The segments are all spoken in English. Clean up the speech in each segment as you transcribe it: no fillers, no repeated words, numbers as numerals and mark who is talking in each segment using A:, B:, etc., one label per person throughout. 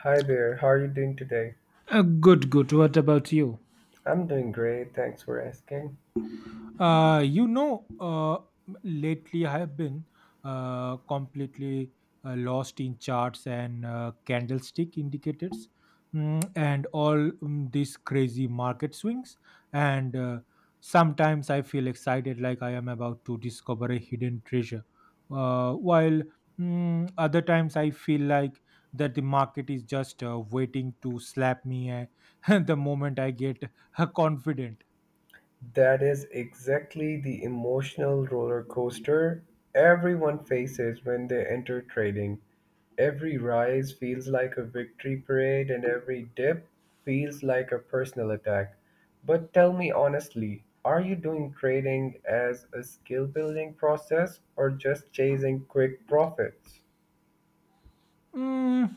A: Hi there, how are you doing today?
B: Good, good. What about you?
A: I'm doing great, thanks for asking.
B: Uh, you know, uh, lately I have been completely lost in charts and candlestick indicators, and all these crazy market swings. And sometimes I feel excited, like I am about to discover a hidden treasure, while other times I feel like that the market is just waiting to slap me the moment I get confident.
A: That is exactly the emotional roller coaster everyone faces when they enter trading. Every rise feels like a victory parade, and every dip feels like a personal attack. But tell me honestly, are you doing trading as a skill building process or just chasing quick profits?
B: Mm,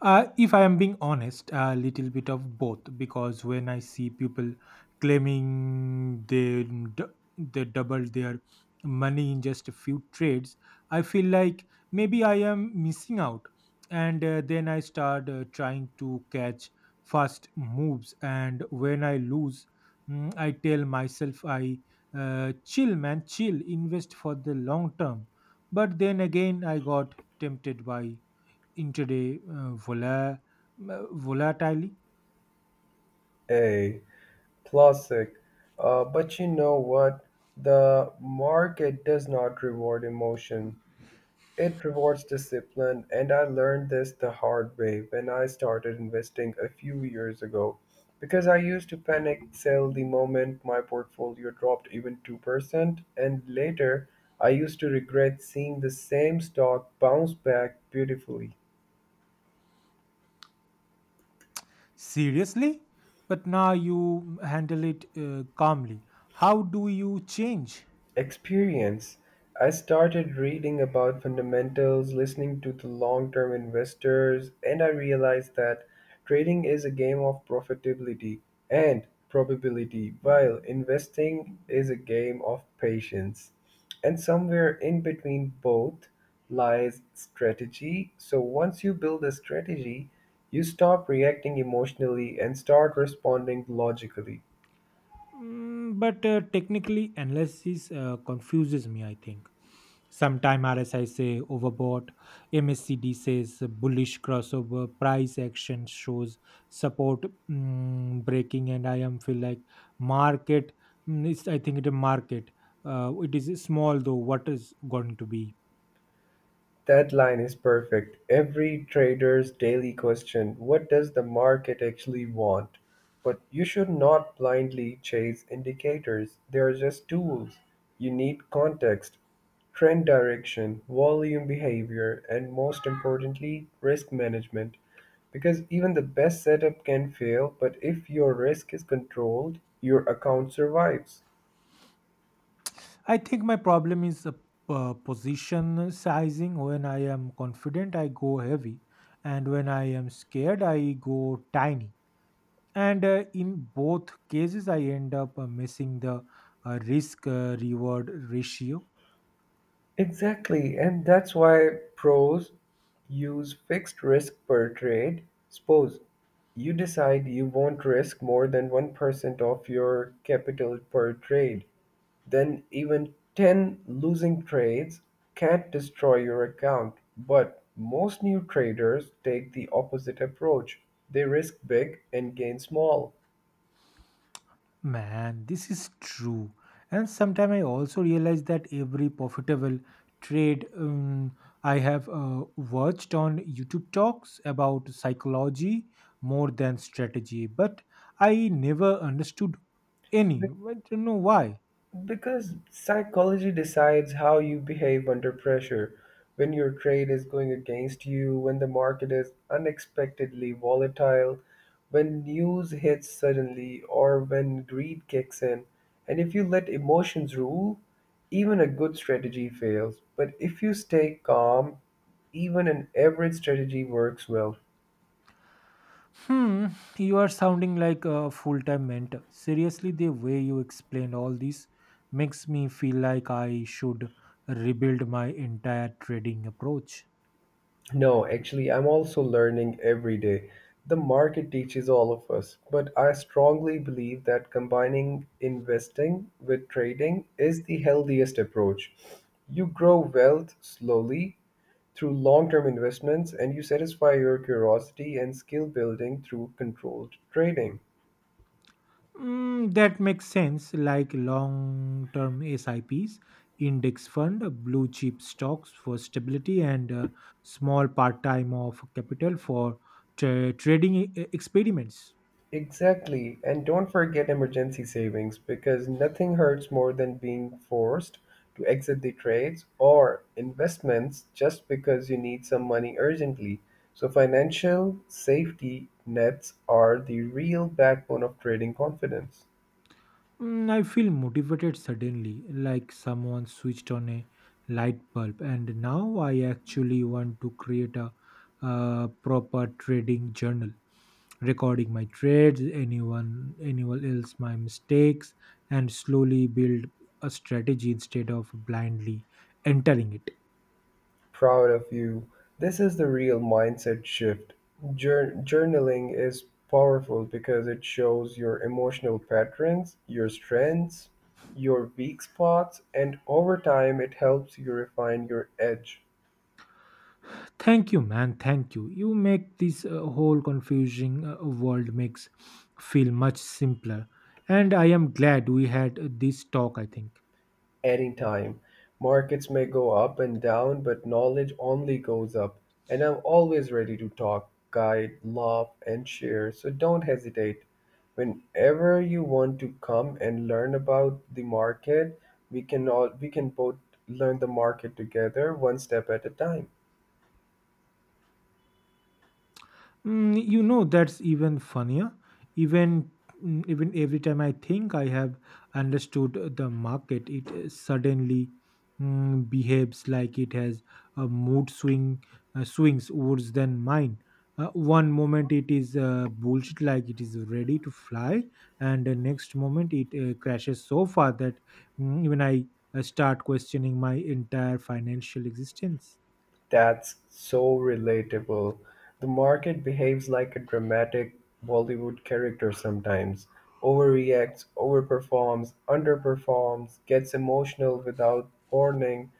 B: if I am being honest, a little bit of both, because when I see people claiming they double their money in just a few trades, I feel like maybe I am missing out, and then I start trying to catch fast moves, and when I lose, I tell myself I chill, man, chill, invest for the long term. But then again, I got tempted by in today volatility.
A: Hey, classic. But you know what? The market does not reward emotion. It rewards discipline, and I learned this the hard way when I started investing a few years ago. Because I used to panic sell the moment my portfolio dropped even 2%, and later I used to regret seeing the same stock bounce back beautifully.
B: Seriously, but now you handle it calmly. How do you change?
A: Experience, I started reading about fundamentals, listening to the long term investors, and I realized that trading is a game of profitability and probability, while investing is a game of patience. And somewhere in between both lies strategy. So once you build a strategy, you stop reacting emotionally and start responding logically.
B: Mm, but Technically analysis confuses me. I think sometime rsi say overbought, mscd says bullish crossover, price action shows support breaking, and I am feel like market, I think it a market, it is small though what is going to be.
A: That line is perfect. Every trader's daily question, what does the market actually want? But you should not blindly chase indicators. They are just tools. You need context, trend direction, volume behavior, and most importantly, risk management. Because even the best setup can fail, but if your risk is controlled, your account survives.
B: I think my problem is position sizing. When I am confident, I go heavy, and when I am scared, I go tiny. And in both cases, I end up missing the risk reward ratio.
A: Exactly, and that's why pros use fixed risk per trade. Suppose you decide you won't risk more than 1% of your capital per trade, then even 10 losing trades can't destroy your account. But most new traders take the opposite approach. They risk big and gain small.
B: Man, this is true. And sometimes I also realize that every profitable trade, I have watched on YouTube talks about psychology more than strategy, but I never understood any. I don't know why.
A: Because psychology decides how you behave under pressure. When your trade is going against you, when the market is unexpectedly volatile, when news hits suddenly, or when greed kicks in. And if you let emotions rule, even a good strategy fails. But if you stay calm, even an average strategy works well.
B: Hmm, you are sounding like a full time mentor. Seriously, the way you explain all this makes me feel like I should rebuild my entire trading approach.
A: No, actually, I'm also learning every day. The market teaches all of us, but I strongly believe that combining investing with trading is the healthiest approach. You grow wealth slowly through long term investments, and you satisfy your curiosity and skill building through controlled trading.
B: Mm, that makes sense, like long term SIPs, index fund, blue chip stocks for stability, and small part time of capital for trading experiments.
A: Exactly. And don't forget emergency savings because nothing hurts more than being forced to exit the trades or investments just because you need some money urgently. So, financial safety nets are the real backbone of trading confidence.
B: Mm, I feel motivated suddenly, like someone switched on a light bulb, and now I actually want to create a proper trading journal, recording my trades, anyone else, my mistakes, and slowly build a strategy instead of blindly entering it.
A: Proud of you. This is the real mindset shift. Journaling is powerful because it shows your emotional patterns, your strengths, your weak spots, and over time it helps you refine your edge.
B: Thank you, man. Thank you. You make this whole confusing world makes feel much simpler. And I am glad we had this talk, I think.
A: Any time. Markets may go up and down, but knowledge only goes up. And I'm always ready to talk, guide, laugh, and share. So don't hesitate. Whenever you want to come and learn about the market, we can both learn the market together one step at a time.
B: Mm, you know, that's even funnier. Even even every time I think I have understood the market, it suddenly behaves like it has a mood swings worse than mine. One moment it is bullshit, like it is ready to fly, and the next moment it crashes so far that even I start questioning my entire financial existence.
A: That's so relatable. The market behaves like a dramatic Bollywood character sometimes. Overreacts, overperforms, underperforms, gets emotional without warning.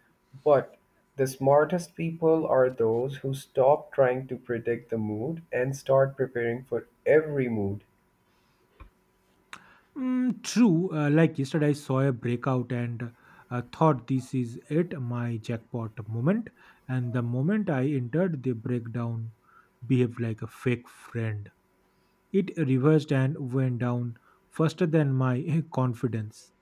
A: But the smartest people are those who stop trying to predict the mood and start preparing for every mood.
B: Mm, true. Like yesterday, I saw a breakout and thought this is it, my jackpot moment. And the moment I entered, the breakdown behaved like a fake friend. It reversed and went down faster than my confidence.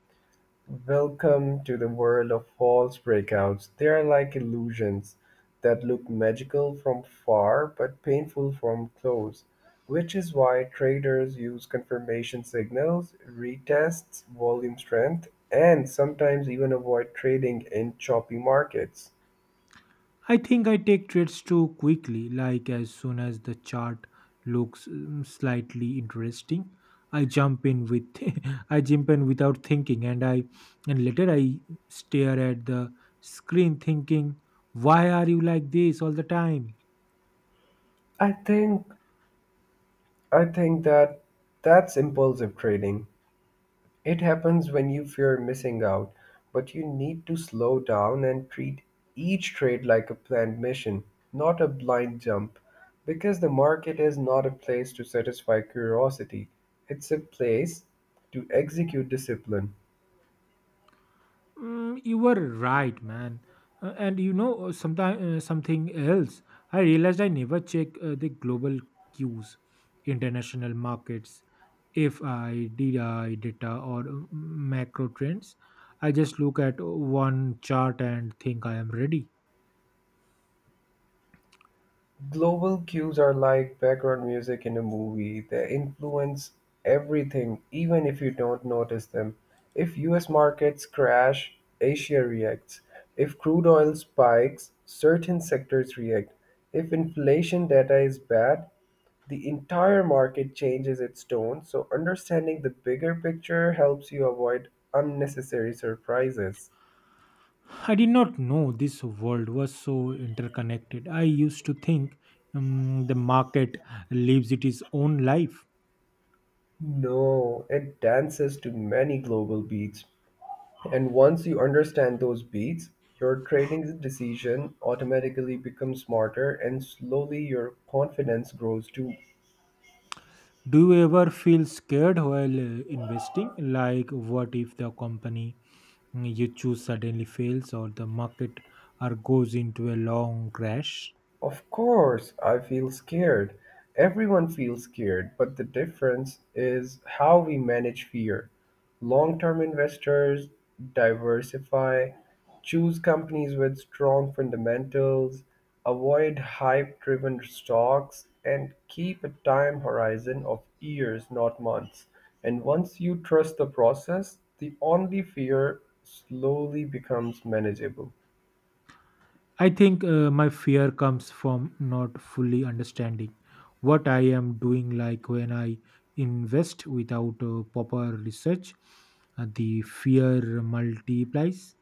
A: Welcome to the world of false breakouts. They are like illusions that look magical from far but painful from close, which is why traders use confirmation signals, retests, volume strength, and sometimes even avoid trading in choppy markets.
B: I think I take trades too quickly, like as soon as the chart looks slightly interesting, I jump in with I jump in without thinking, and I and later I stare at the screen thinking, why are you like this all the time?
A: I think I think that's impulsive trading. It happens when you fear missing out, but you need to slow down and treat each trade like a planned mission, not a blind jump, because the market is not a place to satisfy curiosity, it's a place to execute discipline.
B: Mm, you were right, man. And sometimes something else. I realized I never check the global cues, international markets, FIDI data, or macro trends. I just look at one chart and think I am ready.
A: Global cues are like background music in a movie. They influence everything, even if you don't notice them. If US markets crash, Asia reacts. If crude oil spikes, certain sectors react. If inflation data is bad, the entire market changes its tone. So, understanding the bigger picture helps you avoid unnecessary surprises.
B: I did not know this world was so interconnected. I used to think the market lives its own life.
A: No, it dances to many global beats. And once you understand those beats, your trading decision automatically becomes smarter and slowly your confidence grows too.
B: Do you ever feel scared while investing? Like, what if the company you choose suddenly fails, or the market or goes into a long crash?
A: Of course I feel scared. Everyone feels scared, but the difference is how we manage fear. Long term investors diversify, choose companies with strong fundamentals, avoid hype driven stocks, and keep a time horizon of years, not months. And once you trust the process, the only fear slowly becomes manageable.
B: I think my fear comes from not fully understanding what I am doing, like when I invest without proper research, the fear multiplies.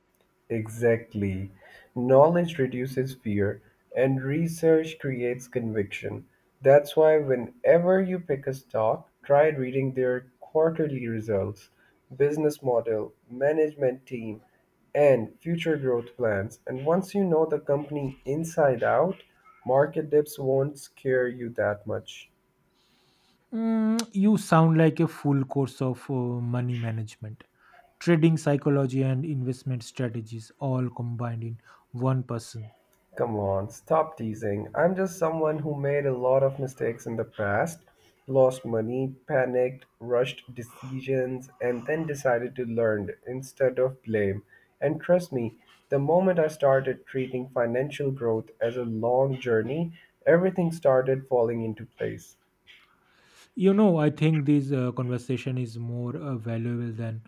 A: Exactly. Knowledge reduces fear and research creates conviction. That's why, whenever you pick a stock, try reading their quarterly results, business model, management team, and future growth plans. And once you know the company inside out, market dips won't scare you that much.
B: Mm, you sound like a full course of money management, trading psychology, and investment strategies all combined in one person.
A: Come on, stop teasing. I'm just someone who made a lot of mistakes in the past, lost money, panicked, rushed decisions, and then decided to learn instead of blame. And trust me, the moment I started treating financial growth as a long journey, everything started falling into place.
B: You know, I think this conversation is more valuable than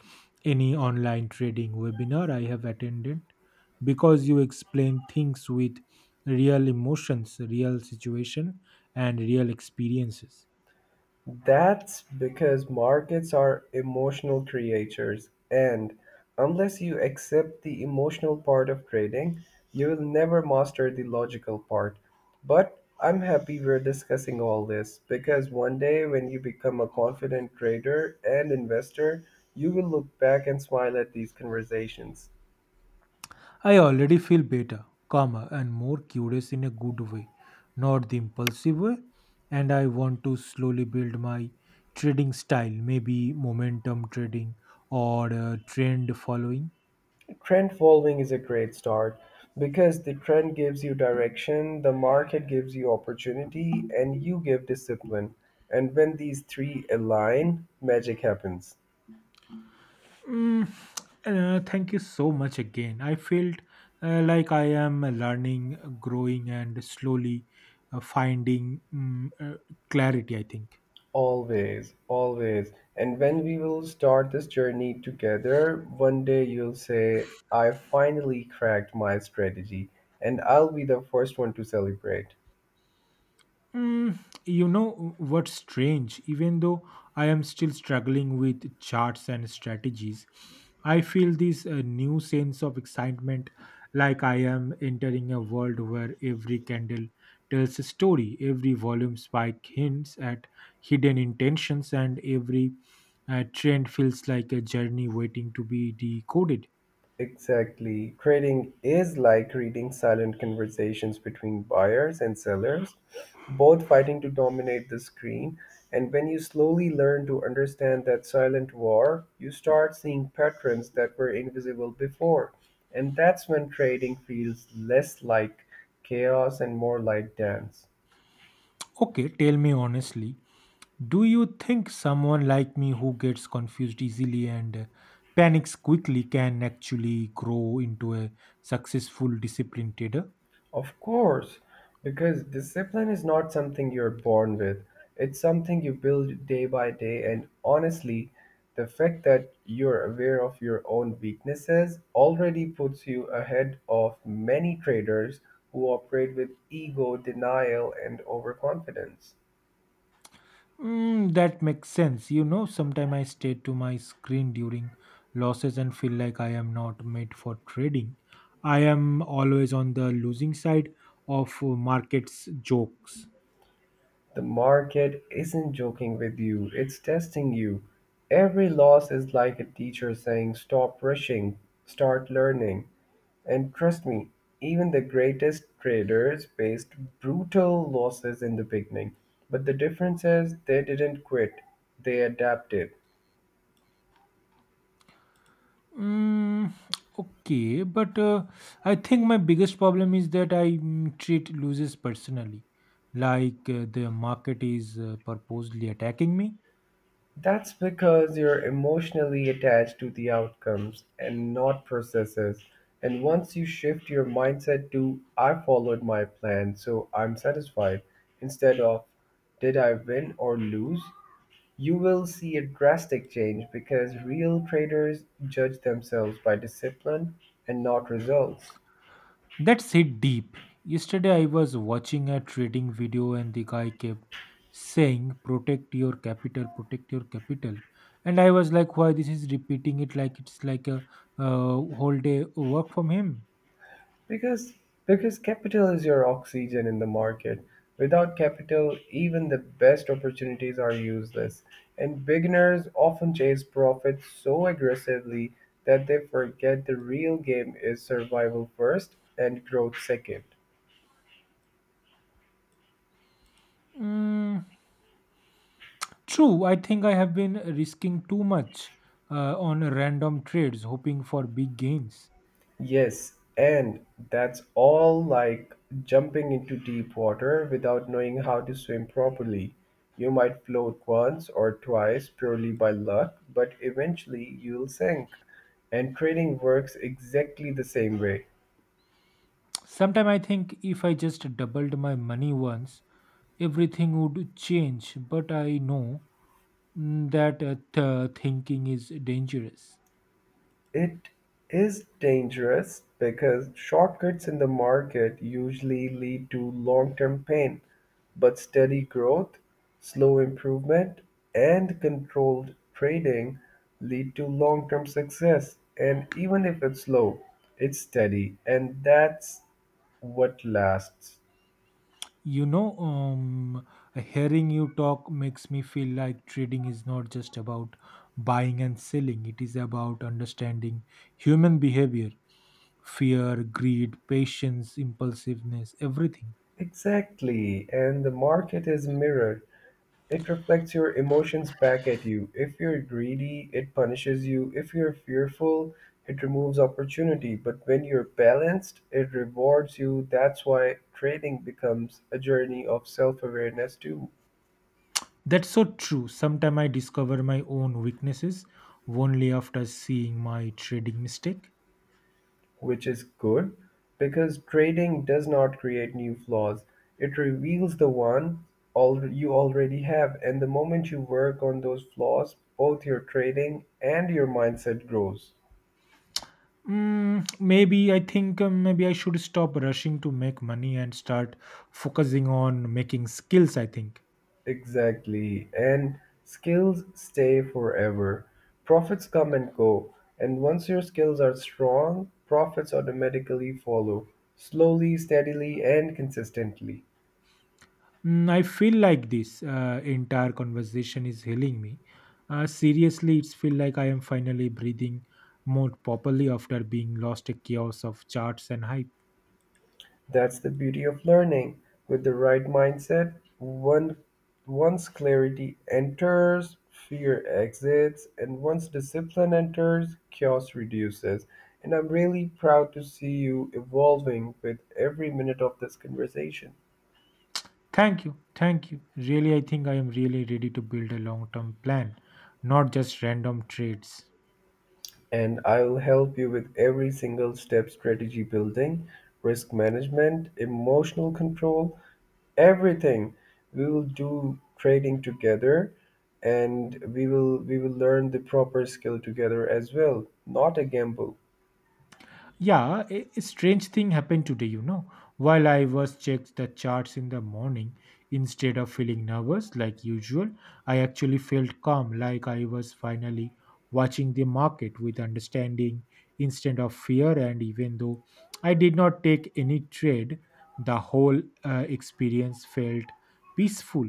B: any online trading webinar I have attended, because you explain things with real emotions, real situation, and real experiences.
A: That's because markets are emotional creatures, and unless you accept the emotional part of trading, you will never master the logical part. But I'm happy we're discussing all this because one day when you become a confident trader and investor, you will look back and smile at these conversations.
B: I already feel better, calmer, and more curious in a good way, not the impulsive way. And I want to slowly build my trading style, maybe momentum trading or trend following.
A: Trend following is a great start because the trend gives you direction, the market gives you opportunity, and you give discipline. And when these three align, magic happens.
B: Mm, Thank you so much again. I felt like I am learning, growing, and slowly finding clarity, I think.
A: Always, always. And when we will start this journey together, one day you'll say, I finally cracked my strategy, and I'll be the first one to celebrate.
B: Mm, you know what's strange? Even though I am still struggling with charts and strategies, I feel this new sense of excitement, like I am entering a world where every candle tells a story, every volume spike hints at hidden intentions, and every trend feels like a journey waiting to be decoded.
A: Exactly. Trading is like reading silent conversations between buyers and sellers, both fighting to dominate the screen. And when you slowly learn to understand that silent war, you start seeing patterns that were invisible before. And that's when trading feels less like chaos and more like dance.
B: Okay, tell me honestly, do you think someone like me who gets confused easily and panics quickly can actually grow into a successful disciplined trader?
A: Of course, because discipline is not something you're born with. It's something you build day by day. And honestly, the fact that you're aware of your own weaknesses already puts you ahead of many traders who operate with ego, denial, and overconfidence.
B: Mm, that makes sense. You know, sometimes I stay to my screen during losses and feel like I am not made for trading. I am always on the losing side of markets jokes.
A: The market isn't joking with you, it's testing you. Every loss is like a teacher saying, stop rushing, start learning. And trust me, even the greatest traders faced brutal losses in the beginning. But the difference is they didn't quit, they adapted.
B: Mm, okay, but I think my biggest problem is that I treat losers personally, like the market is purposely attacking me.
A: That's because you're emotionally attached to the outcomes and not processes. And once you shift your mindset to, I followed my plan, so I'm satisfied, instead of, did I win or lose? You will see a drastic change because real traders judge themselves by discipline and not results.
B: That's hit deep. Yesterday, I was watching a trading video, and the guy kept saying, protect your capital," and I was like, "Why this is repeating it like it's like a uh, whole day work from him?"
A: Because because capital is your oxygen in the market. Without capital, even the best opportunities are useless. And beginners often chase profit so aggressively that they forget the real game is survival first and growth second.
B: Mm, true, I think I have been risking too much on random trades, hoping for big gains.
A: Yes, and that's all like jumping into deep water without knowing how to swim properly. You might float once or twice purely by luck, but eventually you'll sink. And training works exactly the same way.
B: Sometimes I think if I just doubled my money once, everything would change, but I know that thinking is dangerous.
A: It is dangerous because shortcuts in the market usually lead to long-term pain, but steady growth, slow improvement, and controlled trading lead to long-term success. And even if it's slow, it's steady, and that's what lasts.
B: You know, hearing you talk makes me feel like trading is not just about buying and selling, it is about understanding human behavior, fear, greed, patience, impulsiveness, everything.
A: Exactly, and the market is a mirror. It reflects your emotions back at you. If you're greedy, it punishes you. If you're fearful, it removes opportunity. But when you're balanced, it rewards you. That's why trading becomes a journey of self awareness, too,
B: That's so true. Sometimes I discover my own weaknesses only after seeing my trading mistake.
A: which is good because trading does not create new flaws. It reveals the you already have. And the moment you work on those flaws, both your trading and your mindset grows.
B: Mm, maybe I should stop rushing to make money and start focusing on making skills, I think.
A: Exactly. And skills stay forever. Profits come and go. And once your skills are strong, profits automatically follow, slowly, steadily, and consistently.
B: Mm, I feel like this entire conversation is healing me. Seriously, it's feel like I am finally breathing more properly after being lost a chaos of charts and hype.
A: That's the beauty of learning. With the right mindset, once clarity enters, fear exits, and once discipline enters, chaos reduces. And I'm really proud to see you evolving with every minute of this conversation.
B: Thank you. Thank you. Really, I think I am really ready to build a long term plan, not just random trades.
A: And I'll help you with every single step strategy building, risk management, emotional control, everything. We will do trading together and we will learn the proper skill together as well, not a gamble.
B: Yeah, a strange thing happened today, you know. While I was checked the charts in the morning, instead of feeling nervous like usual, I actually felt calm, like I was finally watching the market with understanding instead of fear. And even though I did not take any trade, the whole experience felt peaceful.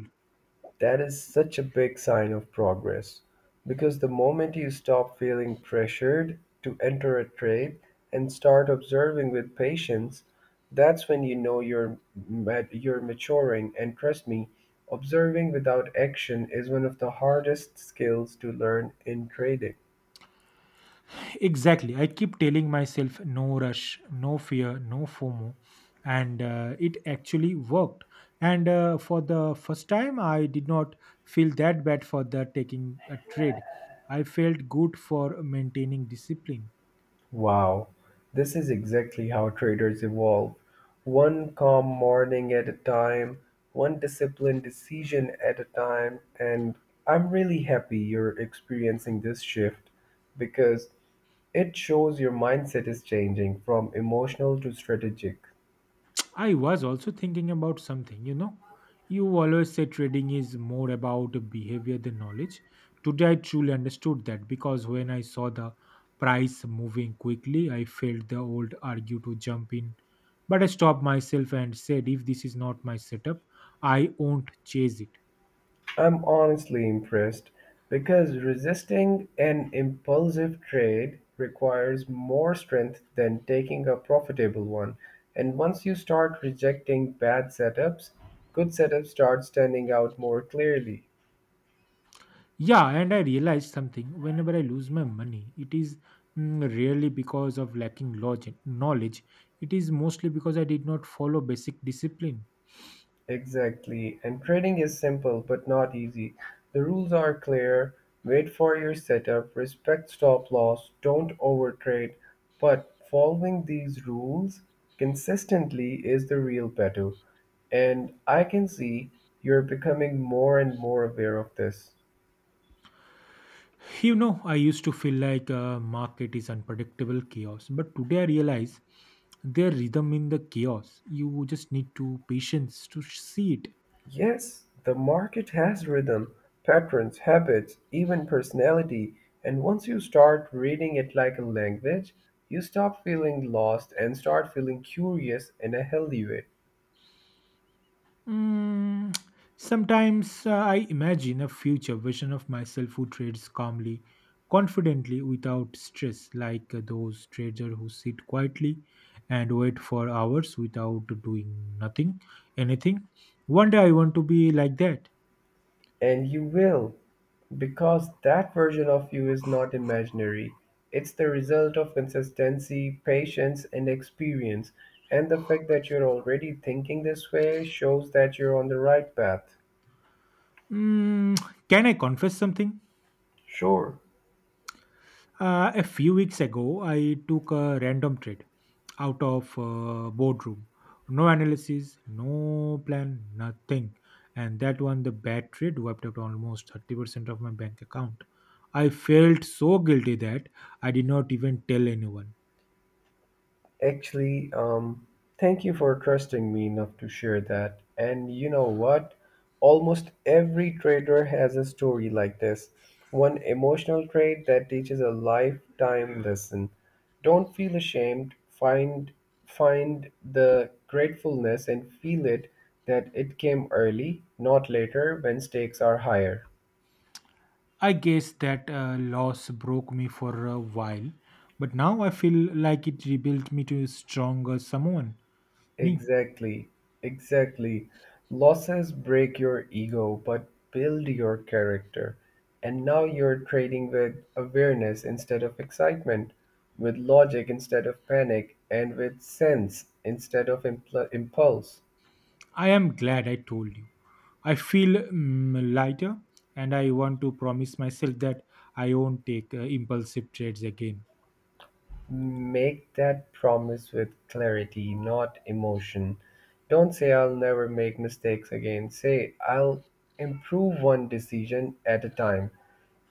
A: That is such a big sign of progress because the moment you stop feeling pressured to enter a trade and start observing with patience, that's when you know you're maturing and trust me, observing without action is one of the hardest skills to learn in trading.
B: Exactly. I keep telling myself no rush, no fear, no FOMO. And it actually worked. And for the first time, I did not feel that bad for the taking a trade. I felt good for maintaining discipline.
A: Wow, this is exactly how traders evolve. One calm morning at a time, one disciplined decision at a time, and I'm really happy you're experiencing this shift because it shows your mindset is changing from emotional to strategic.
B: I was also thinking about something, you know. You always say trading is more about behavior than knowledge. Today I truly understood that, because when I saw the price moving quickly, I felt the old argue to jump in. But I stopped myself and said, if this is not my setup, I won't chase it.
A: I'm honestly impressed because resisting an impulsive trade requires more strength than taking a profitable one. And once you start rejecting bad setups, good setups start standing out more clearly.
B: Yeah, and I realized something. Whenever I lose my money, it is rarely because of lacking logic, knowledge. It is mostly because I did not follow basic discipline.
A: Exactly. And trading is simple but not easy. The rules are clear. Wait for your setup, respect stop loss, don't overtrade. But following these rules consistently is the real battle. And I can see you're becoming more and more aware of this.
B: You know, I used to feel like a market is unpredictable chaos, but today I realize their rhythm in the chaos. You just need to patience to see it.
A: Yes, the market has rhythm, patterns, habits, even personality, and once you start reading it like a language, you stop feeling lost and start feeling curious in a healthy way.
B: Mm, sometimes I imagine a future version of myself who trades calmly, confidently, without stress, like those traders who sit quietly and wait for hours without doing nothing, anything. One day I want to be like that.
A: And you will, because that version of you is not imaginary. It's the result of consistency, patience, and experience. And the fact that you're already thinking this way shows that you're on the right path.
B: Mm, can I confess something?
A: Sure.
B: A few weeks ago, I took a random trade out of boardroom. No analysis, no plan, nothing. And that one, the bad trade wiped out almost 30% of my bank account. I felt so guilty that I did not even tell anyone.
A: Actually, thank you for trusting me enough to share that. And you know what? Almost every trader has a story like this. One emotional trade that teaches a lifetime lesson. Don't feel ashamed. Find the gratefulness and feel it that it came early, not later when stakes are higher.
B: I guess that loss broke me for a while, but now I feel like it rebuilt me to a stronger someone. Me,
A: Exactly, exactly. Losses break your ego but build your character. And now you're trading with awareness instead of excitement, with logic instead of panic, and with sense instead of impulse.
B: I am glad I told you. I feel lighter, and I want to promise myself that I won't take impulsive trades again.
A: Make that promise with clarity, not emotion. Don't say, I'll never make mistakes again. Say, I'll improve one decision at a time.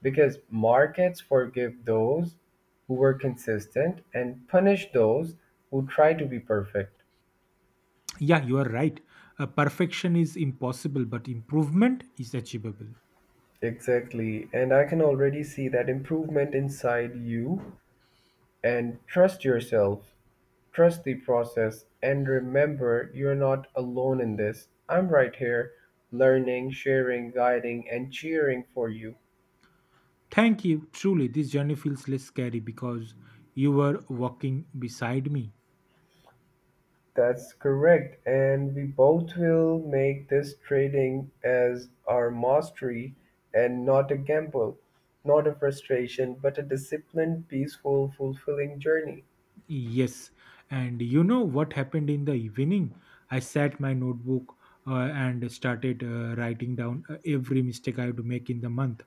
A: Because markets forgive those who were consistent and punish those who try to be perfect.
B: Yeah, you are right. Perfection is impossible, but improvement is achievable.
A: Exactly. And I can already see that improvement inside you. And trust yourself, trust the process, and remember you're not alone in this. I'm right here, learning, sharing, guiding, and cheering for you.
B: Thank you. Truly, this journey feels less scary because you were walking beside me.
A: That's correct, and we both will make this trading as our mastery and not a gamble, not a frustration, but a disciplined, peaceful, fulfilling journey.
B: Yes, and you know what happened in the evening? I sat my notebook and started writing down every mistake I had to make in the month.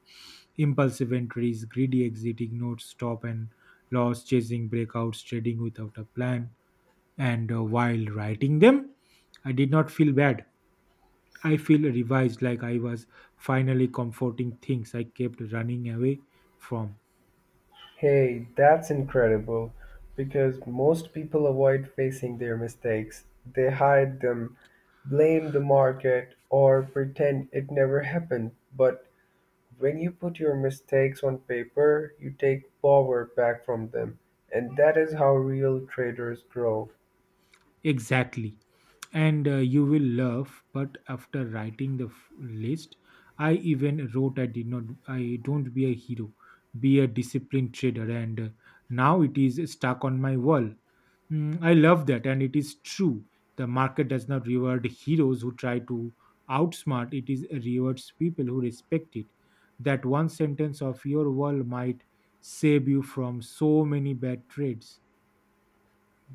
B: Impulsive entries, greedy exiting notes, stop and loss, chasing breakouts, trading without a plan. And while writing them, I did not feel bad. I feel revised, like I was finally comforting things I kept running away from.
A: Hey, that's incredible because most people avoid facing their mistakes. They hide them, blame the market, or pretend it never happened. But when you put your mistakes on paper, you take power back from them, and that is how real traders grow.
B: Exactly. And you will laugh, but after writing the list, I even wrote, I did not I don't be a hero, be a disciplined trader. And now it is stuck on my wall. Mm, I love that, and it is true, the market does not reward heroes who try to outsmart, it is rewards people who respect it. That one sentence of your wall might save you from so many bad trades.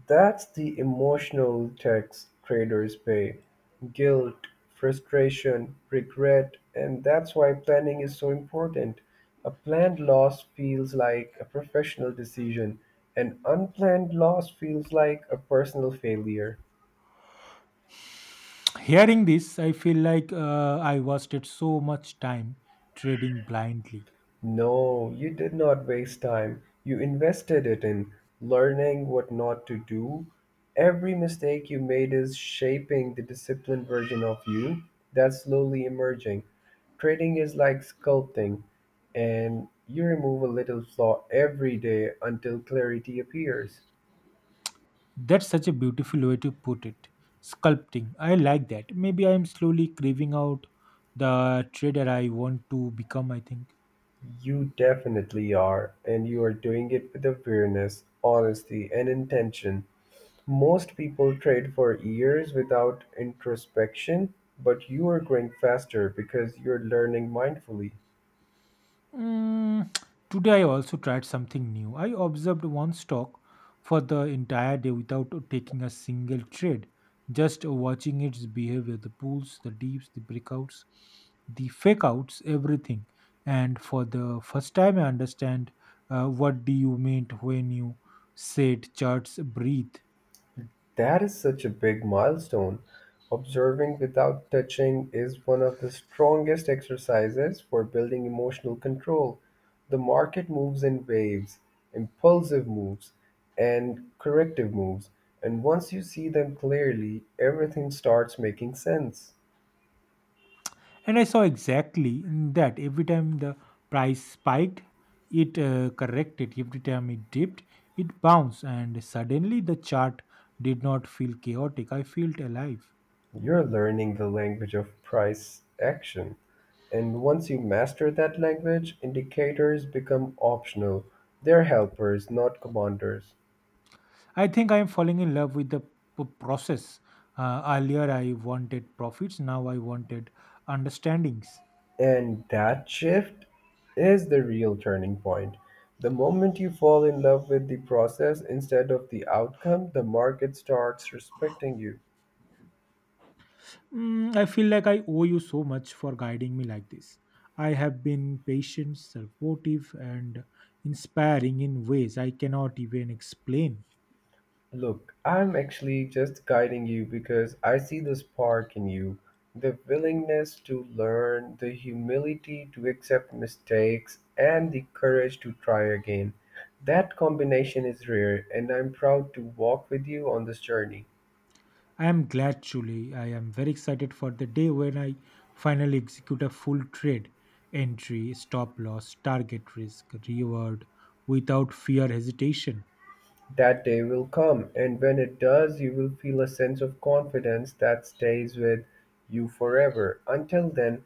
A: That's the emotional tax traders pay, guilt, frustration, regret, and that's why planning is so important. A planned loss feels like a professional decision, an unplanned loss feels like a personal failure.
B: Hearing this, I feel like I wasted so much time trading blindly.
A: No, you did not waste time. You invested it in learning what not to do. Every mistake you made is shaping the disciplined version of you that's slowly emerging. Trading is like sculpting, and you remove a little flaw every day until clarity appears.
B: That's such a beautiful way to put it. Sculpting. I like that. Maybe I'm slowly craving out the trader I want to become, I think.
A: You definitely are, and you are doing it with awareness, honesty, and intention. Most people trade for years without introspection, but you're growing faster because you're learning mindfully.
B: Mm, today I also tried something new. I observed one stock for the entire day without taking a single trade, just watching its behavior, the pulls, the deeps, the breakouts, the fake outs, everything. And for the first time, I understand what do you meant when you said charts breathe.
A: That is such a big milestone. Observing without touching is one of the strongest exercises for building emotional control. The market moves in waves, impulsive moves, and corrective moves. And once you see them clearly, everything starts making sense.
B: And I saw exactly in that every time the price spiked, it corrected. Every time it dipped, it bounced. And suddenly the chart did not feel chaotic. I felt alive.
A: You're learning the language of price action, and once you master that language, indicators become optional. They're helpers, not commanders.
B: I think I am falling in love with the process. Earlier, I wanted profits. Now, I wanted understandings.
A: And that shift is the real turning point. The moment you fall in love with the process instead of the outcome, the market starts respecting you.
B: Mm, I feel like I owe you so much for guiding me like this. I have been patient, supportive, and inspiring in ways I cannot even explain.
A: Look, I'm actually just guiding you because I see the spark in you, the willingness to learn, the humility to accept mistakes, and the courage to try again. That combination is rare, and I'm proud to walk with you on this journey.
B: I am glad, Julie. I am very excited for the day when I finally execute a full trade entry, stop loss, target risk, reward without fear hesitation.
A: That day will come, and when it does you will feel a sense of confidence that stays with you forever. Until then,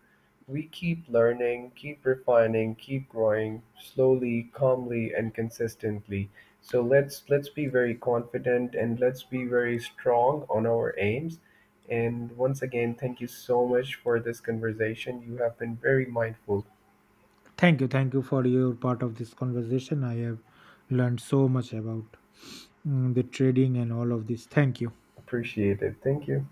A: we keep learning, keep refining, keep growing slowly, calmly and consistently. So let's be very confident and let's be very strong on our aims. And once again, thank you so much for this conversation. You have been very mindful.
B: Thank you. Thank you for your part of this conversation. I have learned so much about the trading and all of this. Thank you.
A: Appreciate it. Thank you.